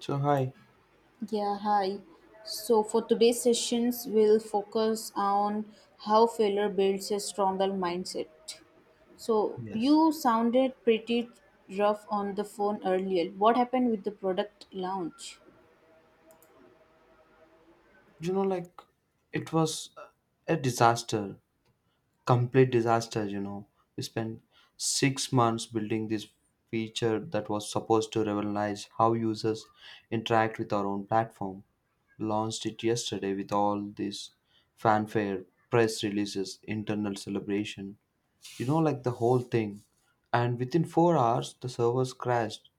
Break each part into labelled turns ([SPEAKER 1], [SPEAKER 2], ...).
[SPEAKER 1] So hi,
[SPEAKER 2] Yeah, hi. So for today's sessions, we'll focus on how failure builds a stronger mindset. So
[SPEAKER 1] yes,
[SPEAKER 2] you sounded pretty rough on the phone earlier. What happened with the product launch?
[SPEAKER 1] you know, like it was a disaster, complete disaster. We spent 6 months building this feature that was supposed to revolutionize how users interact with our own platform. Launched it yesterday with all this fanfare, press releases, internal celebration, the whole thing. And within 4 hours, the servers crashed.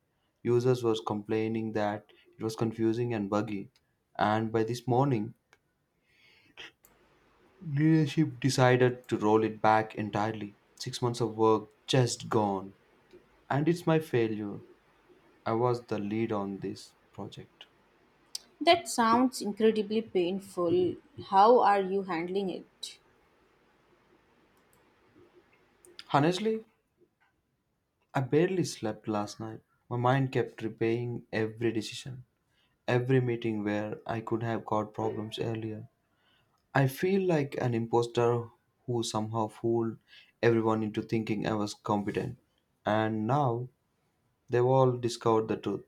[SPEAKER 1] Users was complaining that it was confusing and buggy. And by this morning, leadership decided to roll it back entirely. 6 months of work just gone. And it's my failure. I was the lead on this project.
[SPEAKER 2] That sounds incredibly painful. How are you handling it?
[SPEAKER 1] Honestly, I barely slept last night. My mind kept replaying every decision, every meeting where I could have got problems earlier. I feel like an imposter who somehow fooled everyone into thinking I was competent. And now they've all discovered the truth.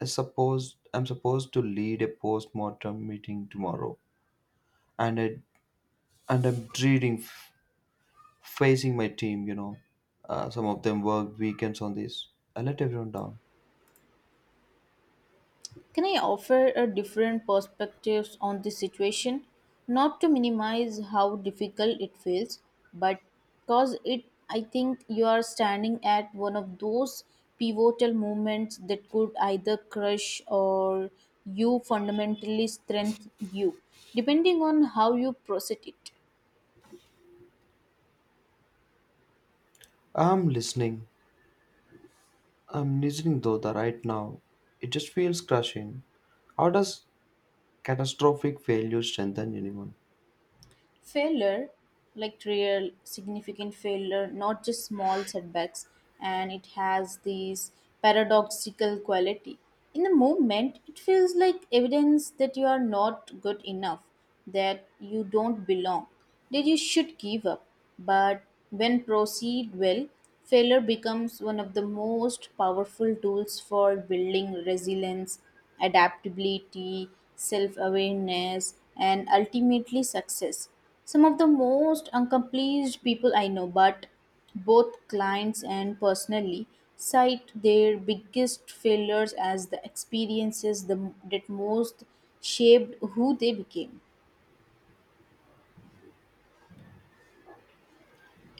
[SPEAKER 1] I suppose I'm supposed to lead a post-mortem meeting tomorrow. And I and I'm dreading facing my team. Some of them worked weekends on this. I let everyone down.
[SPEAKER 2] Can I offer a different perspectives on this situation? Not to minimize how difficult it feels, but because it I think you are standing at one of those pivotal moments that could either crush or you fundamentally strengthen you, depending on how you process it.
[SPEAKER 1] I'm listening. I'm listening though that right now. It just feels crushing. How does catastrophic failure strengthen anyone?
[SPEAKER 2] Failure, like real significant failure not just small setbacks, and it has this paradoxical quality. In the moment it feels like evidence that you are not good enough, that you don't belong, that you should give up, but when proceed well, failure becomes one of the most powerful tools for building resilience, adaptability, self awareness, and ultimately success. Some of the most accomplished people I know, but both clients and personally, cite their biggest failures as the experiences that most shaped who they became.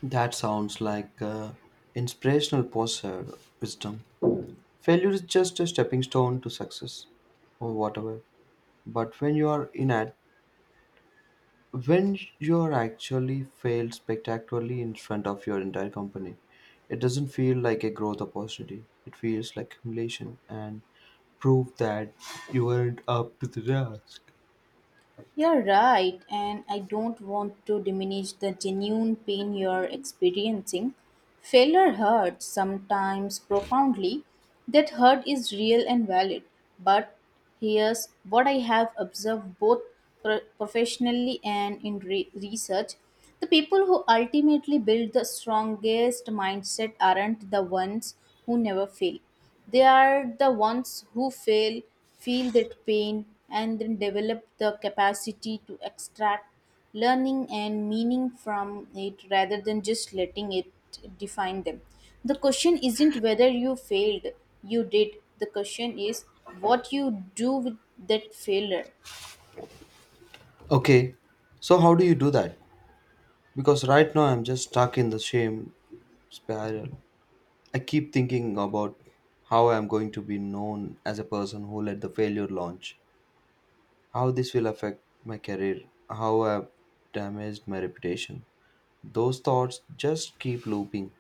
[SPEAKER 1] That sounds like inspirational poster wisdom. Failure is just a stepping stone to success or whatever. But when you are actually failed spectacularly in front of your entire company, it doesn't feel like a growth opportunity. It feels like humiliation and proof that you weren't up to the task.
[SPEAKER 2] You're right, and I don't want to diminish the genuine pain you're experiencing. Failure hurts, sometimes profoundly. That hurt is real and valid. But here's what I have observed, both professionally and in research. The people who ultimately build the strongest mindset aren't the ones who never fail. They are the ones who fail, feel that pain, and then develop the capacity to extract learning and meaning from it rather than just letting it define them. The question isn't whether you failed, you did. The question is what you do with that failure.
[SPEAKER 1] Okay, so how do you do that? Because right now I'm just stuck in the shame spiral. I keep thinking about how I'm going to be known as a person who led the failure launch, how this will affect my career, how I've damaged my reputation. Those thoughts just keep looping.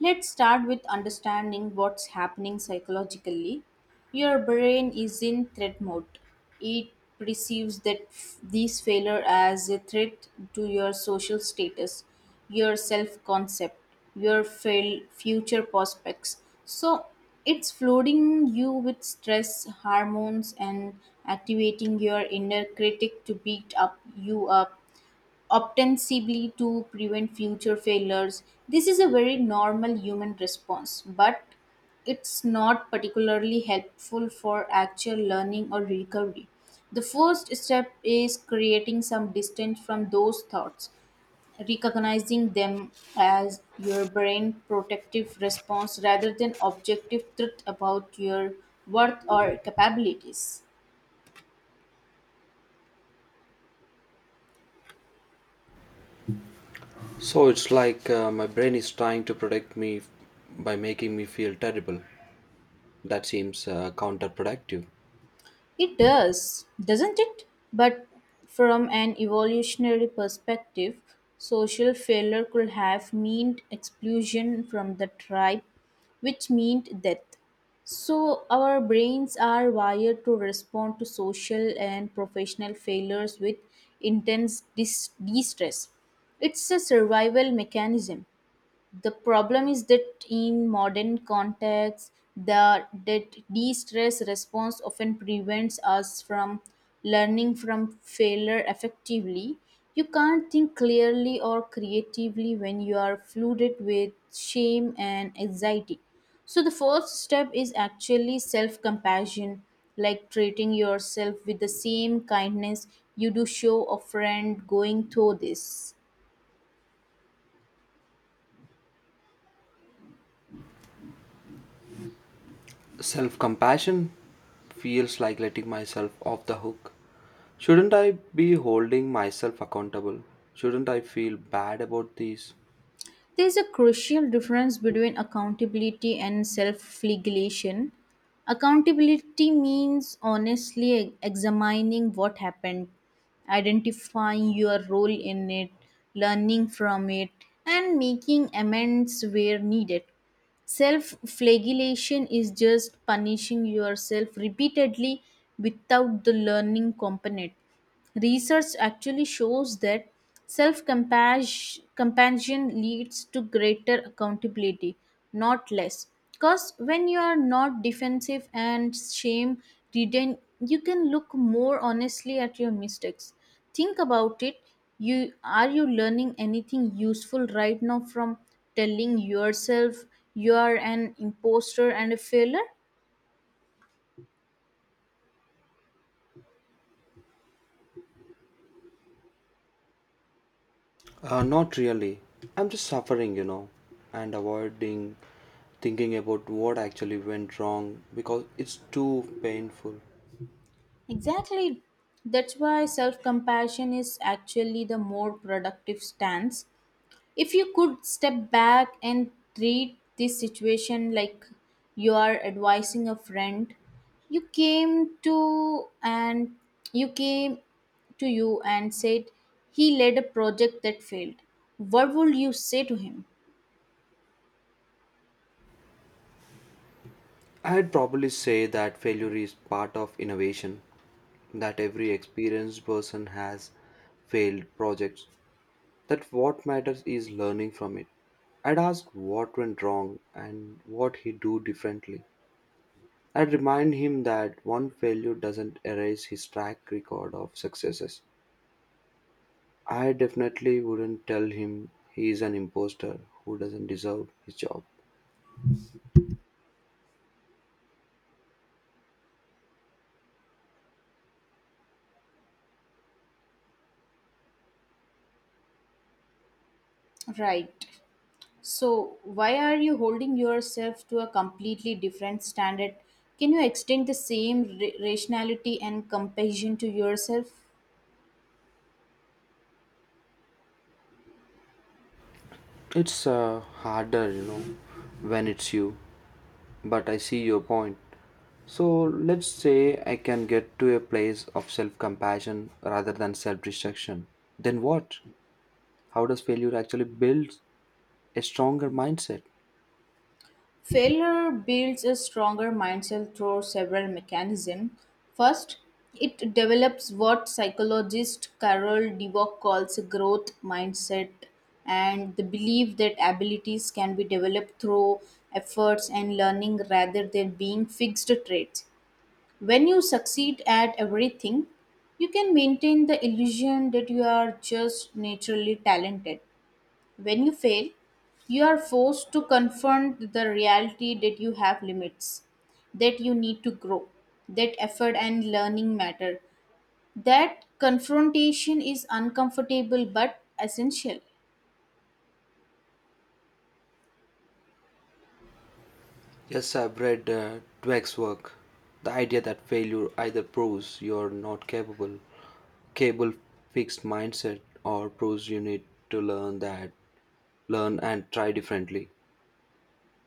[SPEAKER 2] Let's start with understanding what's happening psychologically. Your brain is in threat mode. It perceives that these failure as a threat to your social status, your self-concept, your future prospects. So it's flooding you with stress hormones and activating your inner critic to beat up you up, ostensibly to prevent future failures. This is a very normal human response, but it's not particularly helpful for actual learning or recovery. The first step is creating some distance from those thoughts, recognizing them as your brain protective response rather than objective truth about your worth or capabilities.
[SPEAKER 1] So it's like my brain is trying to protect me by making me feel terrible. That seems counterproductive.
[SPEAKER 2] It does, doesn't it? But from an evolutionary perspective, social failure could have meant exclusion from the tribe, which meant death. So, our brains are wired to respond to social and professional failures with intense distress. It's a survival mechanism. The problem is that in modern contexts, the that de-stress response often prevents us from learning from failure effectively. You can't think clearly or creatively when you are flooded with shame and anxiety. So the first step is actually self-compassion, like treating yourself with the same kindness you do show a friend going through this.
[SPEAKER 1] Self compassion feels like letting myself off the hook. Shouldn't I be holding myself accountable? Shouldn't I feel bad about these
[SPEAKER 2] There is a crucial difference between accountability and self flagellation. Accountability means honestly examining what happened, identifying your role in it, learning from it, and making amends where needed. Self flagellation is just punishing yourself repeatedly without the learning component. Research actually shows that self compassion leads to greater accountability, not less. Because when you are not defensive and shame ridden, you can look more honestly at your mistakes. Think about it. You are you learning anything useful right now from telling yourself you are an imposter and a failure?
[SPEAKER 1] Not really. I'm just suffering, and avoiding thinking about what actually went wrong because it's too painful.
[SPEAKER 2] Exactly. That's why self compassion is actually the more productive stance. If you could step back and treat this situation like you are advising a friend, you came to and you came to you and said he led a project that failed. What would you say to him?
[SPEAKER 1] I'd probably say that failure is part of innovation, that every experienced person has failed projects, that what matters is learning from it. I'd ask what went wrong and what he do differently. I'd remind him that one failure doesn't erase his track record of successes. I definitely wouldn't tell him he is an imposter who doesn't deserve his job.
[SPEAKER 2] Right. So, why are you holding yourself to a completely different standard? Can you extend the same rationality and compassion to yourself?
[SPEAKER 1] It's harder, when it's you, but I see your point. So let's say I can get to a place of self compassion rather than self destruction. Then what? How does failure actually build a stronger mindset?
[SPEAKER 2] Failure builds a stronger mindset through several mechanisms. First, it develops what psychologist Carol Dweck calls a growth mindset, and the belief that abilities can be developed through efforts and learning rather than being fixed traits. When you succeed at everything, you can maintain the illusion that you are just naturally talented. When you fail, you are forced to confront the reality that you have limits, that you need to grow, that effort and learning matter. That confrontation is uncomfortable but essential.
[SPEAKER 1] Yes, I've read Dweck's work. The idea that failure either proves you're not capable, capable fixed mindset, or proves you need to learn that, learn and try differently,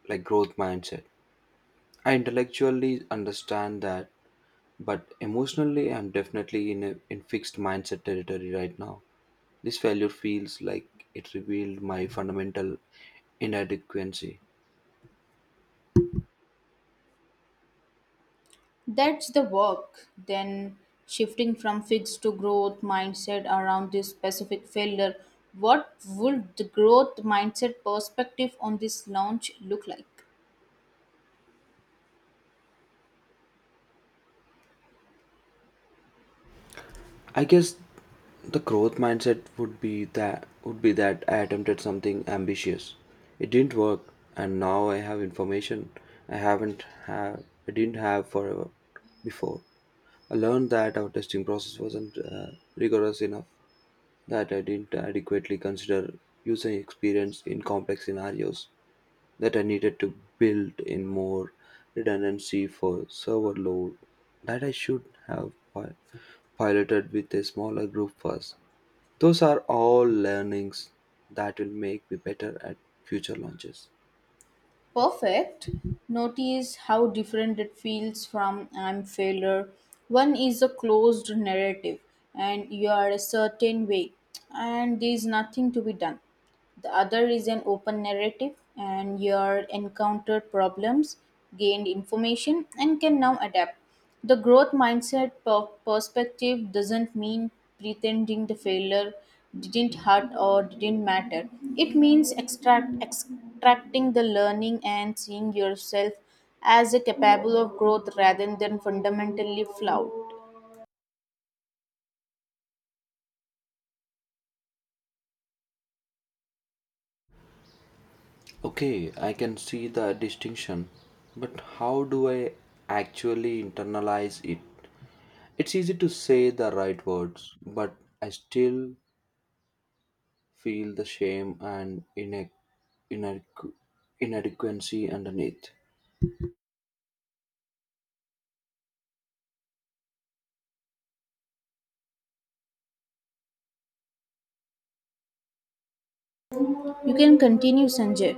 [SPEAKER 1] like growth mindset. I intellectually understand that, but emotionally, I'm definitely in a in fixed mindset territory right now. This failure feels like it revealed my fundamental inadequacy.
[SPEAKER 2] That's the work. Then shifting from fixed to growth mindset around this specific failure, what would the growth mindset perspective on this launch look like?
[SPEAKER 1] I guess the growth mindset would be that I attempted something ambitious. It didn't work, and now I have information I didn't have forever before. I learned that our testing process wasn't rigorous enough, that I didn't adequately consider user experience in complex scenarios, that I needed to build in more redundancy for server load, that I should have piloted with a smaller group first. Those are all learnings that will make me better at future launches.
[SPEAKER 2] Perfect. Notice how different it feels from I'm failure. One is a closed narrative and you are a certain way and there is nothing to be done. The other is an open narrative and you are encountered problems, gained information and can now adapt. The growth mindset perspective doesn't mean pretending the failure didn't hurt or didn't matter. It means extracting the learning and seeing yourself as a capable of growth rather than fundamentally flawed.
[SPEAKER 1] Okay, I can see the distinction, but how do I actually internalize it? It's easy to say the right words, but I still feel the shame and inadequ- inadequacy underneath.
[SPEAKER 2] You can continue, Sanjay.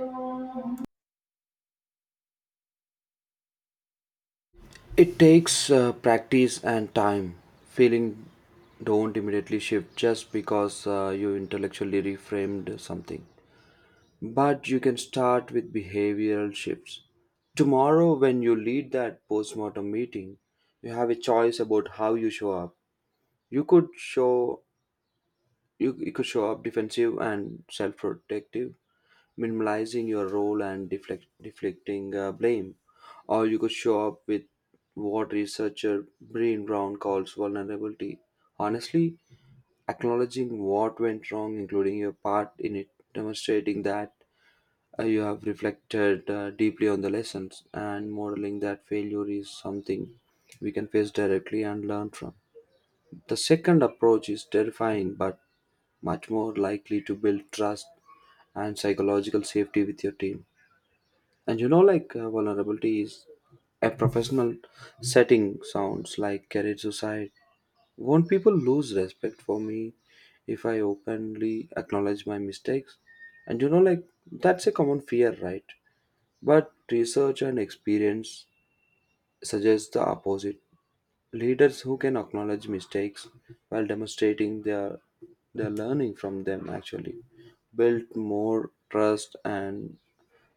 [SPEAKER 1] It takes practice and time. Feeling don't immediately shift just because you intellectually reframed something. But you can start with behavioral shifts. Tomorrow, when you lead that postmortem meeting, you have a choice about how you show up. You could show you could show up defensive and self-protective, minimalizing your role and deflecting blame, or you could show up with what researcher Breen Brown calls vulnerability. Honestly, acknowledging what went wrong, including your part in it, demonstrating that you have reflected deeply on the lessons and modeling that failure is something we can face directly and learn from. The second approach is terrifying but much more likely to build trust and psychological safety with your team. And vulnerability is a professional setting, sounds like carried suicide. Won't people lose respect for me if I openly acknowledge my mistakes? And that's a common fear, right? But research and experience suggest the opposite. Leaders who can acknowledge mistakes while demonstrating their learning from them actually build more trust and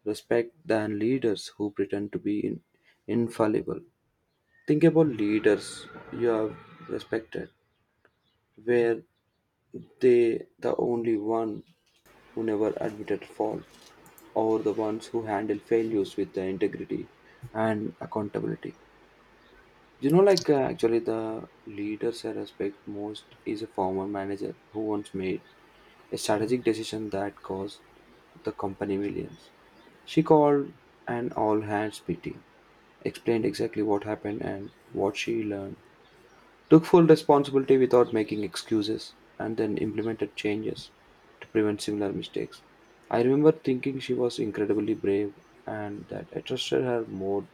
[SPEAKER 1] respect than leaders who pretend to be infallible. Think about leaders you have respected, where they the only one who never admitted fault, or the ones who handle failures with the integrity and accountability. Actually, the leaders I respect most is a former manager who once made a strategic decision that cost the company millions. She called an all hands meeting, explained exactly what happened and what she learned, took full responsibility without making excuses, and then implemented changes to prevent similar mistakes. I remember thinking she was incredibly brave and that I trusted her more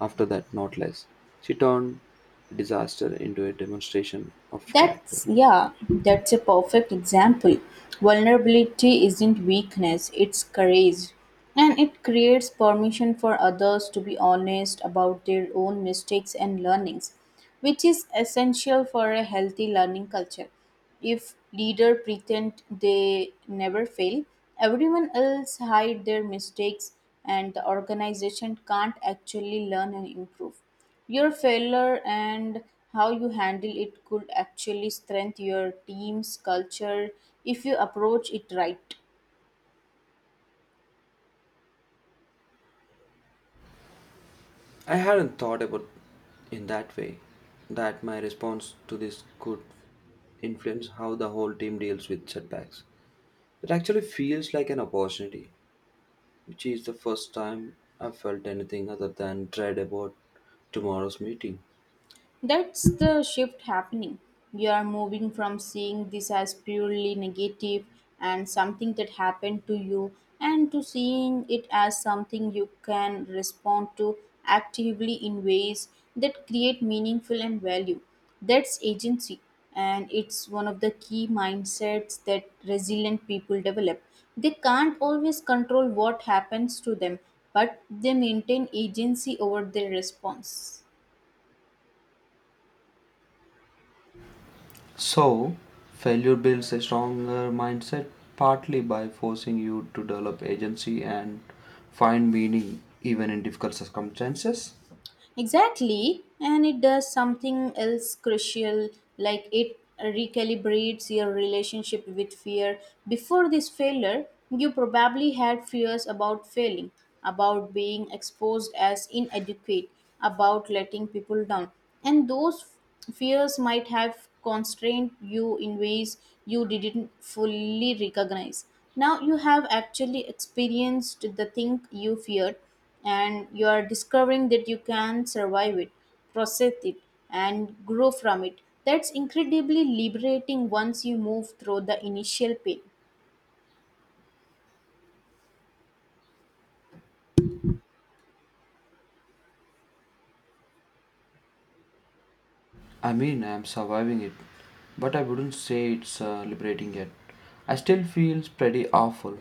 [SPEAKER 1] after that, not less. She turned a disaster into a demonstration of character.
[SPEAKER 2] That's, yeah, that's a perfect example. Vulnerability isn't weakness, it's courage. And it creates permission for others to be honest about their own mistakes and learnings, which is essential for a healthy learning culture. If leaders pretend they never fail, everyone else hide their mistakes and the organization can't actually learn and improve. Your failure and how you handle it could actually strengthen your team's culture if you approach it right.
[SPEAKER 1] I hadn't thought about in that way that my response to this could influence how the whole team deals with setbacks. It actually feels like an opportunity which is the first time I felt anything other than dread about tomorrow's meeting.
[SPEAKER 2] That's the shift happening. You are moving from seeing this as purely negative and something that happened to you, and to seeing it as something you can respond to actively in ways that create meaningful and value. That's agency, and it's one of the key mindsets that resilient people develop. They can't always control what happens to them, but they maintain agency over their response.
[SPEAKER 1] So, failure builds a stronger mindset partly by forcing you to develop agency and find meaning even in difficult circumstances.
[SPEAKER 2] Exactly, and it does something else crucial, like it recalibrates your relationship with fear. Before this failure, you probably had fears about failing, about being exposed as inadequate, about letting people down. And those fears might have constrained you in ways you didn't fully recognize. Now you have actually experienced the thing you feared and you are discovering that you can survive it, process it, and grow from it. That's incredibly liberating once you move through the initial pain.
[SPEAKER 1] I mean, I am surviving it, but I wouldn't say it's liberating yet. I still feel pretty awful.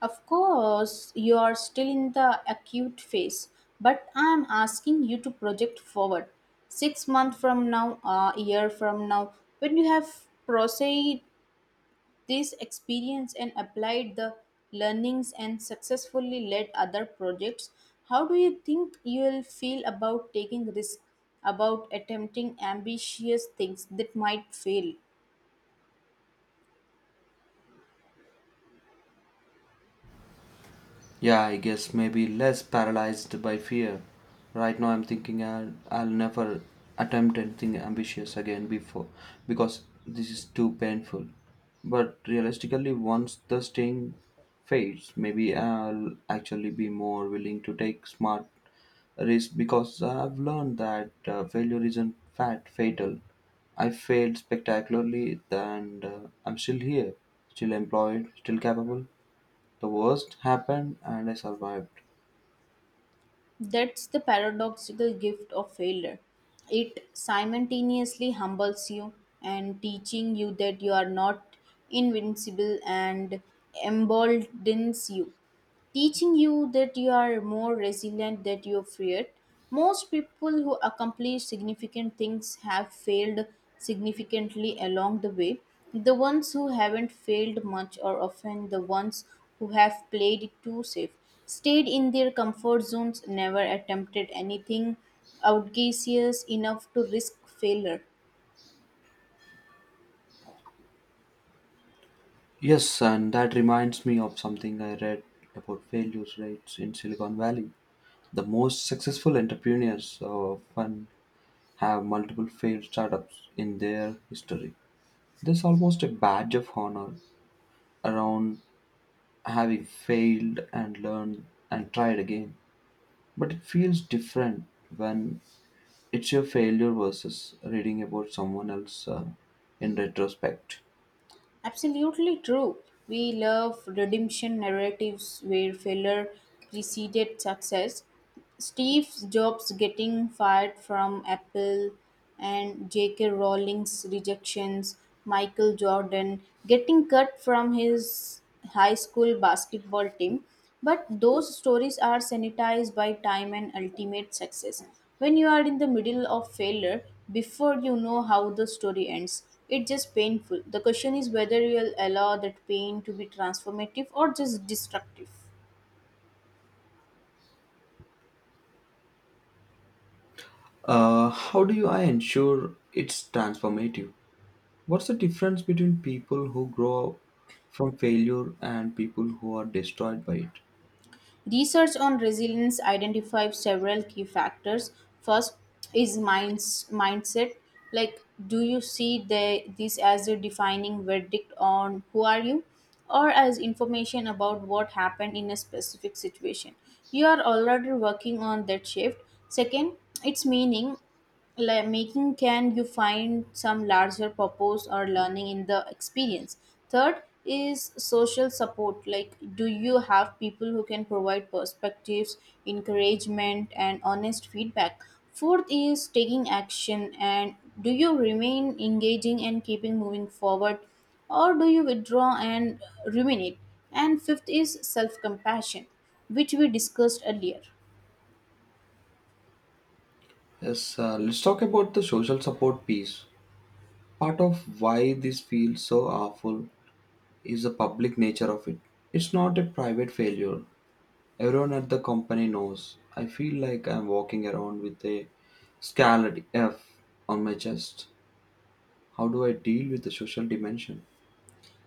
[SPEAKER 2] Of course, you are still in the acute phase, but I am asking you to project forward. 6 months from now, a year from now, when you have processed this experience and applied the learnings and successfully led other projects. How do you think you will feel about taking risk, about attempting ambitious things that might fail?
[SPEAKER 1] Yeah, I guess maybe less paralyzed by fear. Right now, I'm thinking I'll never attempt anything ambitious again before because this is too painful. But realistically, once the sting fades, maybe I'll actually be more willing to take smart risks because I've learned that failure isn't fatal. I failed spectacularly, and I'm still here, still employed, still capable. The worst happened and I survived.
[SPEAKER 2] That's the paradoxical gift of failure. It simultaneously humbles you and teaching you that you are not invincible and emboldens you, teaching you that you are more resilient than you feared. Most people who accomplish significant things have failed significantly along the way. The ones who haven't failed much are often the ones who have played it too safe, stayed in their comfort zones, never attempted anything audacious enough to risk failure.
[SPEAKER 1] Yes, and that reminds me of something I read about failure rates in Silicon Valley. The most successful entrepreneurs often have multiple failed startups in their history. There's almost a badge of honor around having failed and learned and tried again. But it feels different when it's your failure versus reading about someone else in retrospect.
[SPEAKER 2] Absolutely true. We love redemption narratives where failure preceded success. Steve Jobs getting fired from Apple and J.K. Rowling's rejections, Michael Jordan getting cut from his high school basketball team. But those stories are sanitized by time and ultimate success. When you are in the middle of failure, before you know how the story ends, it's just painful. The question is whether you'll allow that pain to be transformative or just destructive.
[SPEAKER 1] How do you I ensure it's transformative? What's the difference between people who grow from failure and people who are destroyed by it?
[SPEAKER 2] Research on resilience identifies several key factors. First is mindset. Like, do you see this as a defining verdict on who are you, or as information about what happened in a specific situation? You are already working on that shift. Second, its meaning, like making, can you find some larger purpose or learning in the experience. Third is social support, like do you have people who can provide perspectives, encouragement and honest feedback. Fourth is taking action, and do you remain engaging and keeping moving forward, or do you withdraw and ruminate. And fifth is self compassion, which we discussed earlier.
[SPEAKER 1] Yes, let's talk about the social support piece. Part of why this feels so awful is the public nature of it. It's not a private failure. Everyone at the company knows. I feel like I'm walking around with a scarlet F on my chest. How do I deal with the social dimension?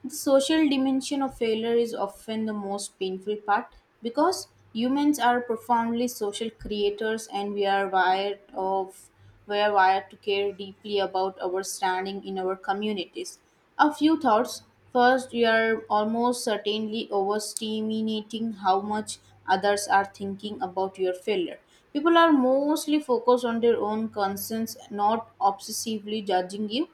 [SPEAKER 2] The social dimension of failure is often the most painful part because humans are profoundly social creators and we are wired to care deeply about our standing in our communities. A few thoughts. First, we are almost certainly overestimating how much others are thinking about your failure. People are mostly focused on their own concerns, not obsessively judging you.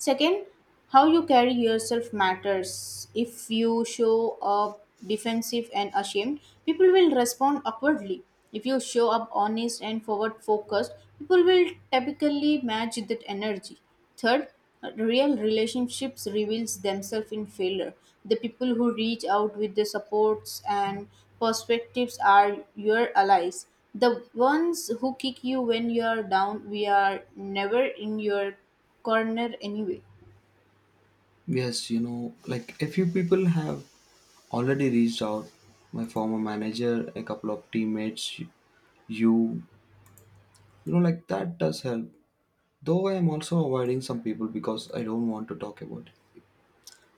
[SPEAKER 2] Second, how you carry yourself matters. If you show up defensive and ashamed, people will respond awkwardly. If you show up honest and forward focused, people will typically match that energy. Third, real relationships reveals themselves in failure. The people who reach out with the supports and perspectives are your allies. The ones who kick you when you are down, we are never in your corner anyway.
[SPEAKER 1] Yes, a few people have already reached out. My former manager, a couple of teammates, you know, that does help. Though I am also avoiding some people because I don't want to talk about it.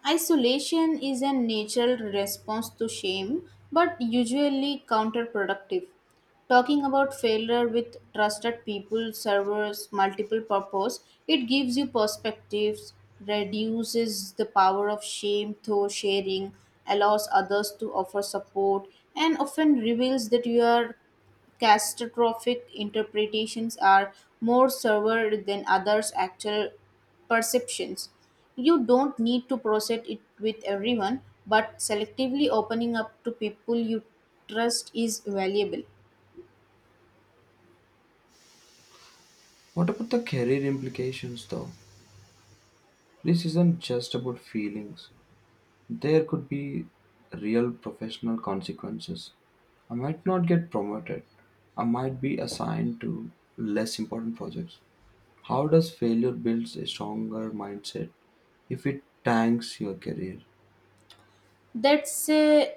[SPEAKER 2] Isolation is a natural response to shame, but usually counterproductive. Talking about failure with trusted people serves multiple purpose. It gives you perspectives, reduces the power of shame through sharing, allows others to offer support, and often reveals that your catastrophic interpretations are more severe than others' actual perceptions. You don't need to process it with everyone, but selectively opening up to people you trust is valuable.
[SPEAKER 1] What about the career implications, though? This isn't just about feelings. There could be real professional consequences. I might not get promoted. I might be assigned to less important projects. How does failure builds a stronger mindset if it tanks your career?
[SPEAKER 2] That's a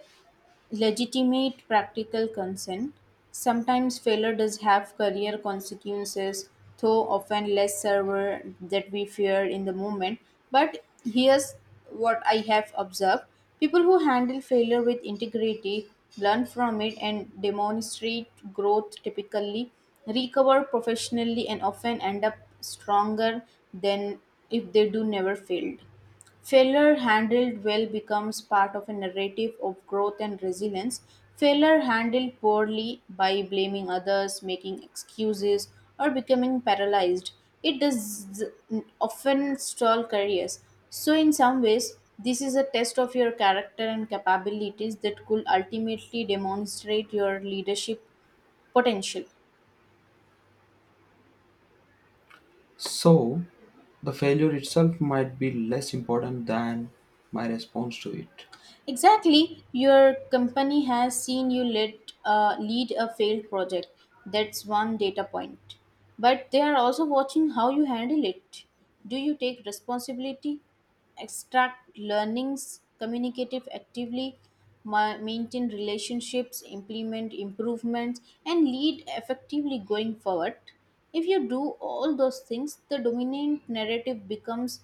[SPEAKER 2] legitimate practical concern. Sometimes failure does have career consequences, though often less severe that we fear in the moment. But here's what I have observed people who handle failure with integrity, learn from it, and demonstrate growth typically recover professionally and often end up stronger than if they do never failed. Failure handled well becomes part of a narrative of growth and resilience. Failure handled poorly by blaming others, making excuses, or becoming paralyzed. It does often stall careers. So, in some ways, this is a test of your character and capabilities that could ultimately demonstrate your leadership potential.
[SPEAKER 1] So, the failure itself might be less important than my response to it.
[SPEAKER 2] Exactly, your company has seen you lead, lead a failed project. That's one data point. But they are also watching how you handle it. Do you take responsibility, extract learnings, communicative actively, maintain relationships, implement improvements, and lead effectively going forward? If you do all those things, the dominant narrative becomes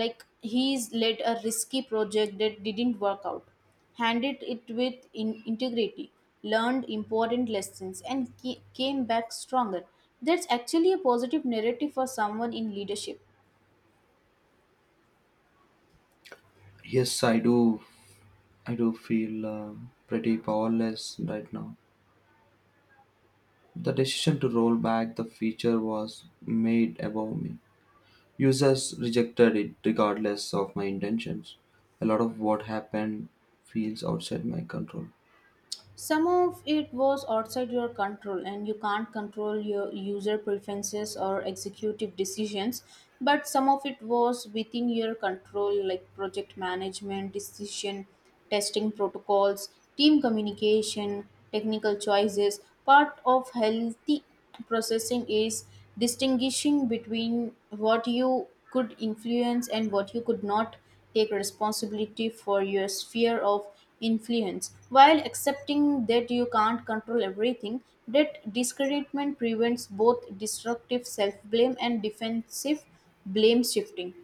[SPEAKER 2] like he's led a risky project that didn't work out, handled it with integrity, learned important lessons, and came back stronger. That's actually a positive narrative for someone in leadership.
[SPEAKER 1] Yes, I do. I do feel pretty powerless right now. The decision to roll back the feature was made above me. Users rejected it regardless of my intentions. A lot of what happened feels outside my control.
[SPEAKER 2] Some of it was outside your control, and you can't control your user preferences or executive decisions. But some of it was within your control, like project management, decision testing protocols, team communication, technical choices. Part of healthy processing is distinguishing between what you could influence and what you could not. Take responsibility for your sphere of influence while accepting that you can't control everything. That discouragement prevents both destructive self-blame and defensive blame shifting.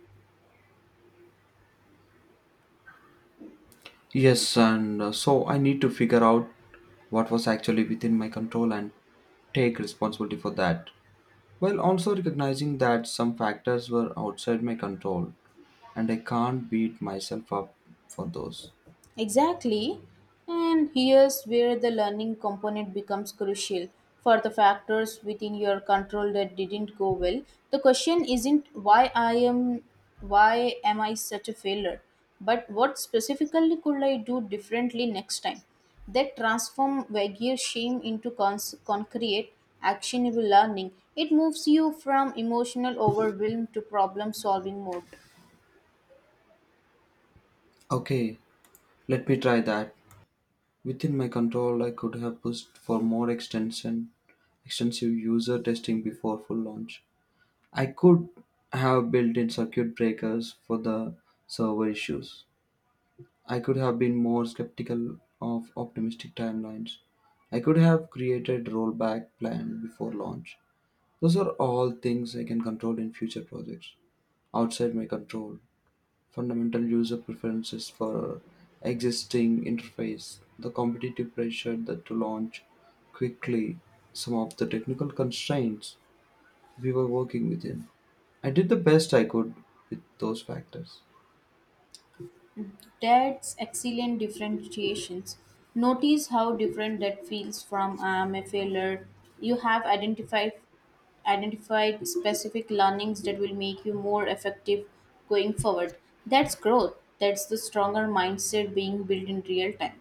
[SPEAKER 1] Yes, and so I need to figure out what was actually within my control and take responsibility for that, while also recognizing that some factors were outside my control and I can't beat myself up for those.
[SPEAKER 2] Exactly. And here's where the learning component becomes crucial. For the factors within your control that didn't go well, the question isn't why am I such a failure, but what specifically could I do differently next time? That transform vague shame into concrete, actionable learning. It moves you from emotional overwhelm to problem solving mode.
[SPEAKER 1] Okay, let me try that. Within my control, I could have pushed for more extensive user testing before full launch. I could have built in circuit breakers for the server issues. I could have been more skeptical of optimistic timelines. I could have created rollback plan before launch. Those are all things I can control in future projects. Outside my control, fundamental user preferences for existing interface, the competitive pressure that to launch quickly, some of the technical constraints we were working within. I did the best I could with those factors.
[SPEAKER 2] That's excellent differentiations. Notice how different that feels from I am a failure. You have identified specific learnings that will make you more effective going forward. That's growth. That's the stronger mindset being built in real time.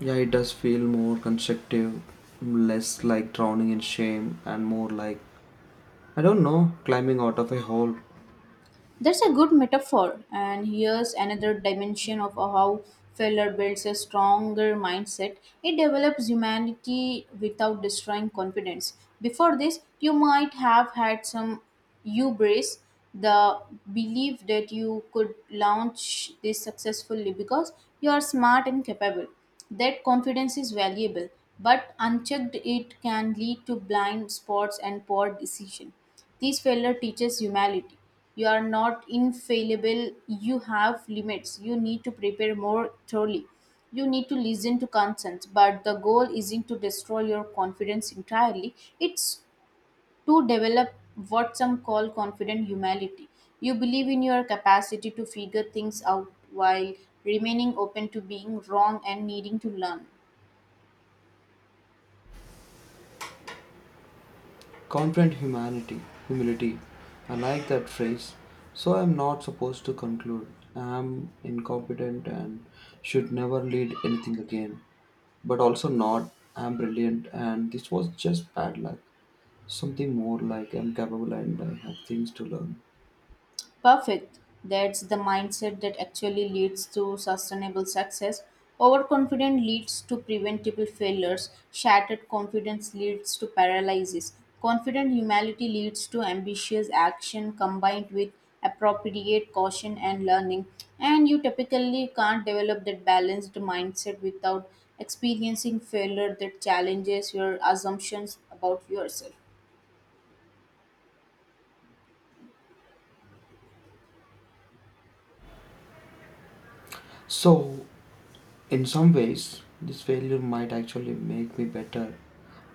[SPEAKER 1] Yeah, it does feel more constructive, less like drowning in shame, and more like, I don't know, climbing out of a hole.
[SPEAKER 2] That's a good metaphor, and here's another dimension of how failure builds a stronger mindset. It develops humanity without destroying confidence. Before this, you might have had some hubris, the belief that you could launch this successfully because you are smart and capable. That confidence is valuable, but unchecked, it can lead to blind spots and poor decision. This failure teaches humility. You are not infallible. You have limits. You need to prepare more thoroughly. You need to listen to consent. But the goal isn't to destroy your confidence entirely, it's to develop what some call confident humility. You believe in your capacity to figure things out while remaining open to being wrong and needing to learn.
[SPEAKER 1] Confident humanity, humility. I like that phrase. So I'm not supposed to conclude. I'm incompetent and should never lead anything again. But also not, I'm brilliant and this was just bad luck. Something more like I'm capable and I have things to learn.
[SPEAKER 2] Perfect. That's the mindset that actually leads to sustainable success. Overconfidence leads to preventable failures. Shattered confidence leads to paralysis. Confident humility leads to ambitious action combined with appropriate caution and learning. And you typically can't develop that balanced mindset without experiencing failure that challenges your assumptions about yourself.
[SPEAKER 1] So in some ways, this failure might actually make me better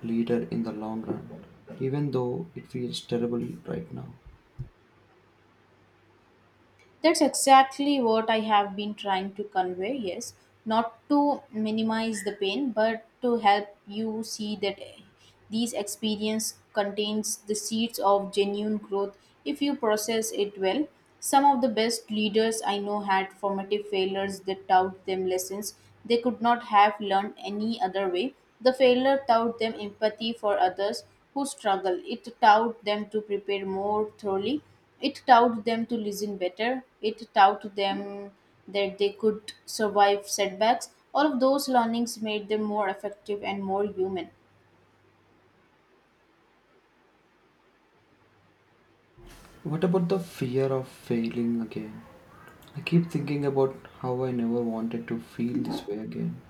[SPEAKER 1] leader in the long run, even though it feels terrible right now.
[SPEAKER 2] That's exactly what I have been trying to convey, yes. Not to minimize the pain, but to help you see that these experience contains the seeds of genuine growth if you process it well. Some of the best leaders I know had formative failures that taught them lessons they could not have learned any other way. The failure taught them empathy for others who struggle. It taught them to prepare more thoroughly. It taught them to listen better. It taught them that they could survive setbacks. All of those learnings made them more effective and more human.
[SPEAKER 1] What about the fear of failing again? I keep thinking about how I never wanted to feel this way again,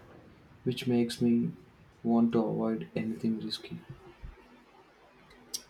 [SPEAKER 1] which makes me want to avoid anything risky.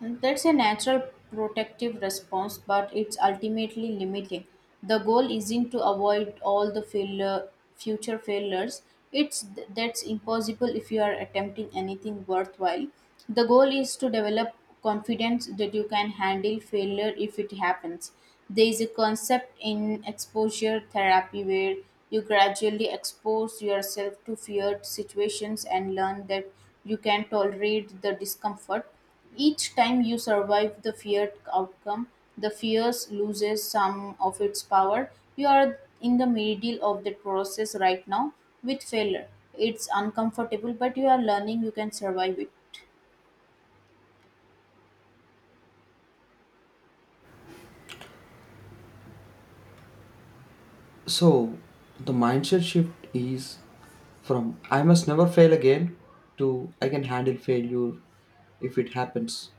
[SPEAKER 2] That's a natural protective response, but it's ultimately limiting. The goal isn't to avoid all the failure, future failures. It's that's impossible if you are attempting anything worthwhile. The goal is to develop confidence that you can handle failure if it happens. There is a concept in exposure therapy where you gradually expose yourself to feared situations and learn that you can tolerate the discomfort. Each time you survive the feared outcome, the fears loses some of its power. You are in the middle of the process right now with failure. It's uncomfortable, but you are learning you can survive it.
[SPEAKER 1] So the mindset shift is from I must never fail again to I can handle failure if it happens.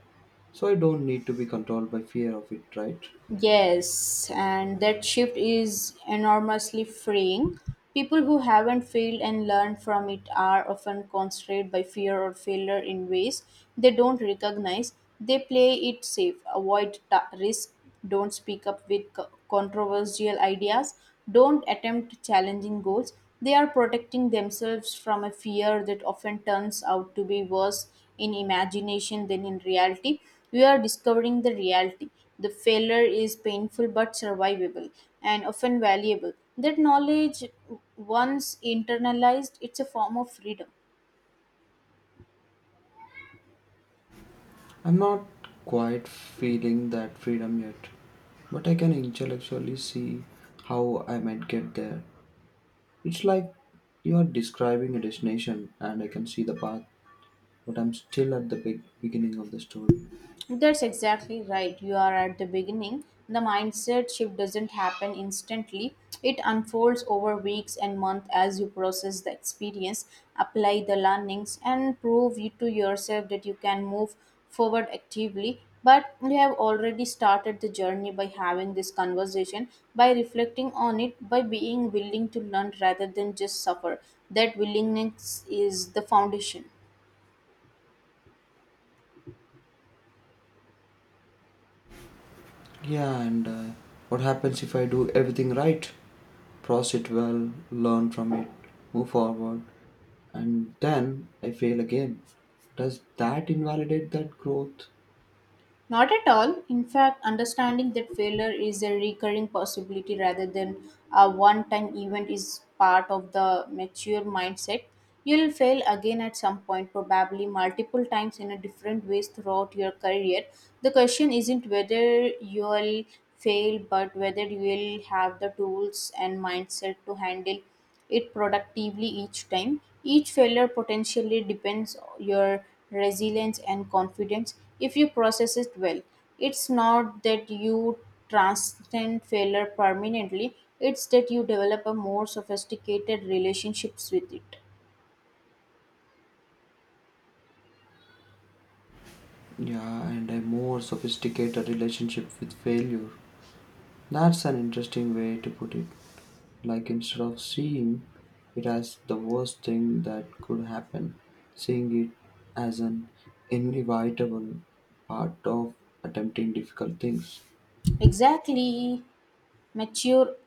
[SPEAKER 1] So I don't need to be controlled by fear of it, right?
[SPEAKER 2] Yes, and that shift is enormously freeing. People who haven't failed and learned from it are often constrained by fear or failure in ways they don't recognize. They play it safe, avoid risk, don't speak up with controversial ideas, don't attempt challenging goals. They are protecting themselves from a fear that often turns out to be worse in imagination than in reality. We are discovering the reality. The failure is painful but survivable and often valuable. That knowledge, once internalized, it's a form of freedom.
[SPEAKER 1] I'm not quite feeling that freedom yet, but I can intellectually see how I might get there. It's like you are describing a destination and I can see the path, but I'm still at the big beginning of the story.
[SPEAKER 2] That's exactly right. You are at the beginning. The mindset shift doesn't happen instantly. It unfolds over weeks and months as you process the experience, apply the learnings, and prove you to yourself that you can move forward actively. But you have already started the journey by having this conversation, by reflecting on it, by being willing to learn rather than just suffer. That willingness is the foundation.
[SPEAKER 1] Yeah, and what happens if I do everything right? Process it well, learn from it, move forward, and then I fail again. Does that invalidate that growth?
[SPEAKER 2] Not at all. In fact, understanding that failure is a recurring possibility rather than a one time event is part of the mature mindset. You'll fail again at some point, probably multiple times in a different ways throughout your career. The question isn't whether you'll fail, but whether you will have the tools and mindset to handle it productively each time. Each failure potentially depends your resilience and confidence if you process it well. It's not that you transcend failure permanently, it's that you develop a more sophisticated relationships with it.
[SPEAKER 1] Yeah, and a more sophisticated relationship with failure. That's an interesting way to put it. Like instead of seeing it as the worst thing that could happen, seeing it as an inevitable part of attempting difficult things.
[SPEAKER 2] Exactly. Mature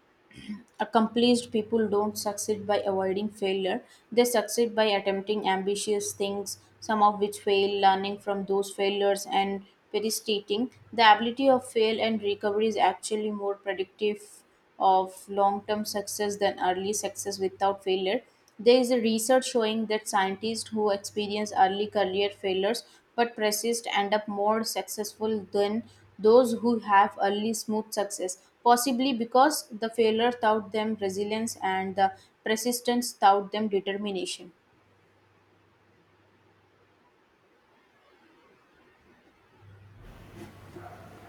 [SPEAKER 2] Accomplished people don't succeed by avoiding failure, they succeed by attempting ambitious things, some of which fail, learning from those failures, and persisting. The ability of fail and recovery is actually more predictive of long term success than early success without failure. There is a research showing that scientists who experience early career failures but persist end up more successful than those who have early smooth success, possibly because the failure taught them resilience and the persistence taught them determination.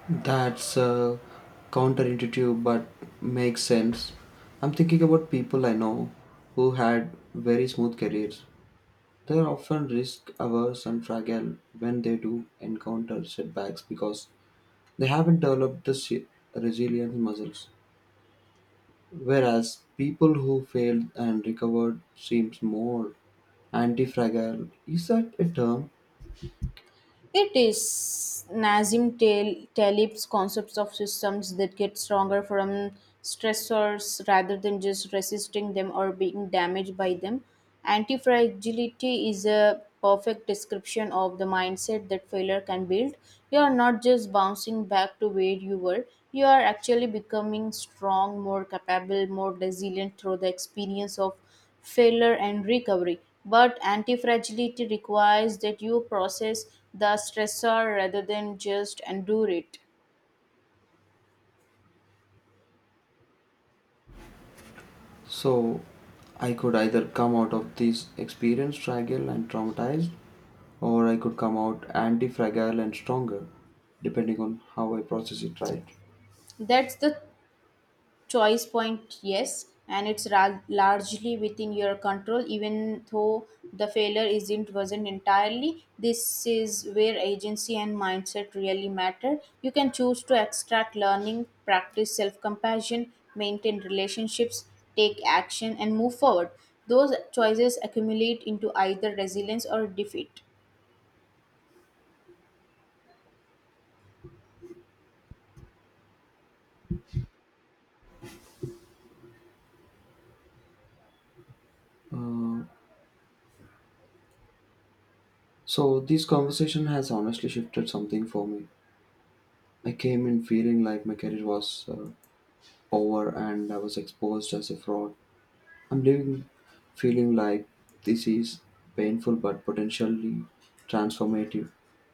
[SPEAKER 1] That's counterintuitive but makes sense. I'm thinking about people I know who had very smooth careers. They're often risk averse and fragile when they do encounter setbacks because they haven't developed the resilience muscles. Whereas people who failed and recovered seems more anti-fragile. Is that a term?
[SPEAKER 2] It is Nazim Talib's concepts of systems that get stronger from stressors rather than just resisting them or being damaged by them. Anti-fragility is a perfect description of the mindset that failure can build. You are not just bouncing back to where you were, you are actually becoming strong, more capable, more resilient through the experience of failure and recovery. But anti-fragility requires that you process the stressor rather than just endure it.
[SPEAKER 1] So I could either come out of this experience fragile and traumatized, or I could come out anti fragile and stronger, depending on how I process it right.
[SPEAKER 2] That's the choice point, yes, and it's largely within your control, even though the failure isn't wasn't entirely. This is where agency and mindset really matter. You can choose to extract learning, practice self-compassion, maintain relationships, take action, and move forward. Those choices accumulate into either resilience or defeat.
[SPEAKER 1] Uh, so this conversation has honestly shifted something for me. I came in feeling like my career was over and I was exposed as a fraud. I'm leaving feeling like this is painful but potentially transformative.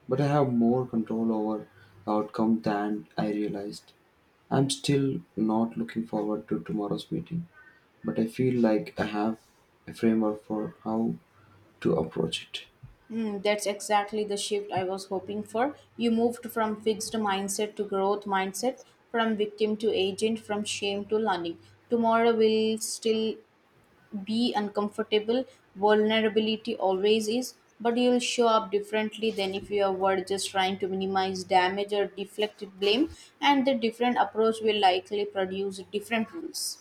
[SPEAKER 1] But I have more control over the outcome than I realized. I'm still not looking forward to tomorrow's meeting, but I feel like I have a framework for how to approach it.
[SPEAKER 2] Hmm, that's exactly the shift I was hoping for. You moved from fixed mindset to growth mindset, from victim to agent, from shame to learning. Tomorrow will still be uncomfortable. Vulnerability always is, but you'll show up differently than if you were just trying to minimize damage or deflect blame, and the different approach will likely produce different rules.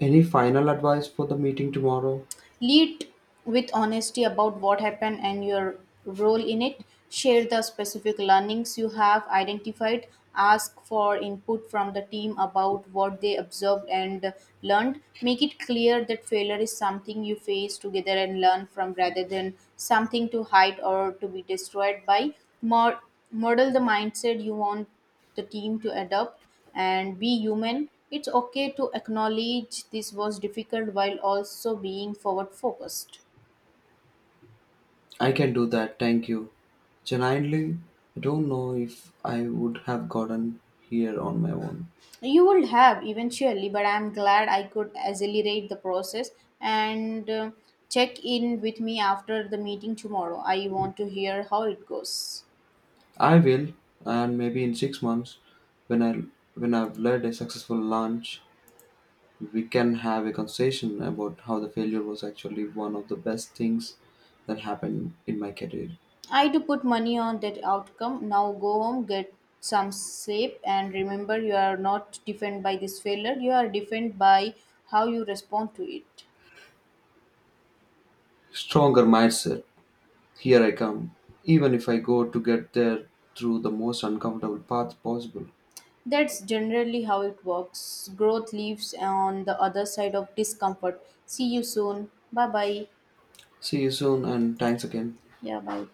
[SPEAKER 1] Any final advice for the meeting tomorrow?
[SPEAKER 2] Lead with honesty about what happened and your role in it. Share the specific learnings you have identified. Ask for input from the team about what they observed and learned. Make it clear that failure is something you face together and learn from rather than something to hide or to be destroyed by. Mod- model the mindset you want the team to adapt and be human. It's okay to acknowledge this was difficult while also being forward focused.
[SPEAKER 1] I can do that, thank you. Genuinely, I don't know if I would have gotten here on my own.
[SPEAKER 2] You will have eventually, but I'm glad I could accelerate the process, and check in with me after the meeting tomorrow. I want to hear how it goes.
[SPEAKER 1] I will, and maybe in 6 months, when I've led a successful launch, we can have a conversation about how the failure was actually one of the best things that happened in my career.
[SPEAKER 2] I do put money on that outcome. Now go home, get some sleep, and remember you are not defined by this failure, you are defined by how you respond to it.
[SPEAKER 1] Stronger mindset. Here I come. Even if I go to get there through the most uncomfortable path possible.
[SPEAKER 2] That's generally how it works. Growth lives on the other side of discomfort. See you soon. Bye bye.
[SPEAKER 1] See you soon and thanks again.
[SPEAKER 2] Yeah, bye.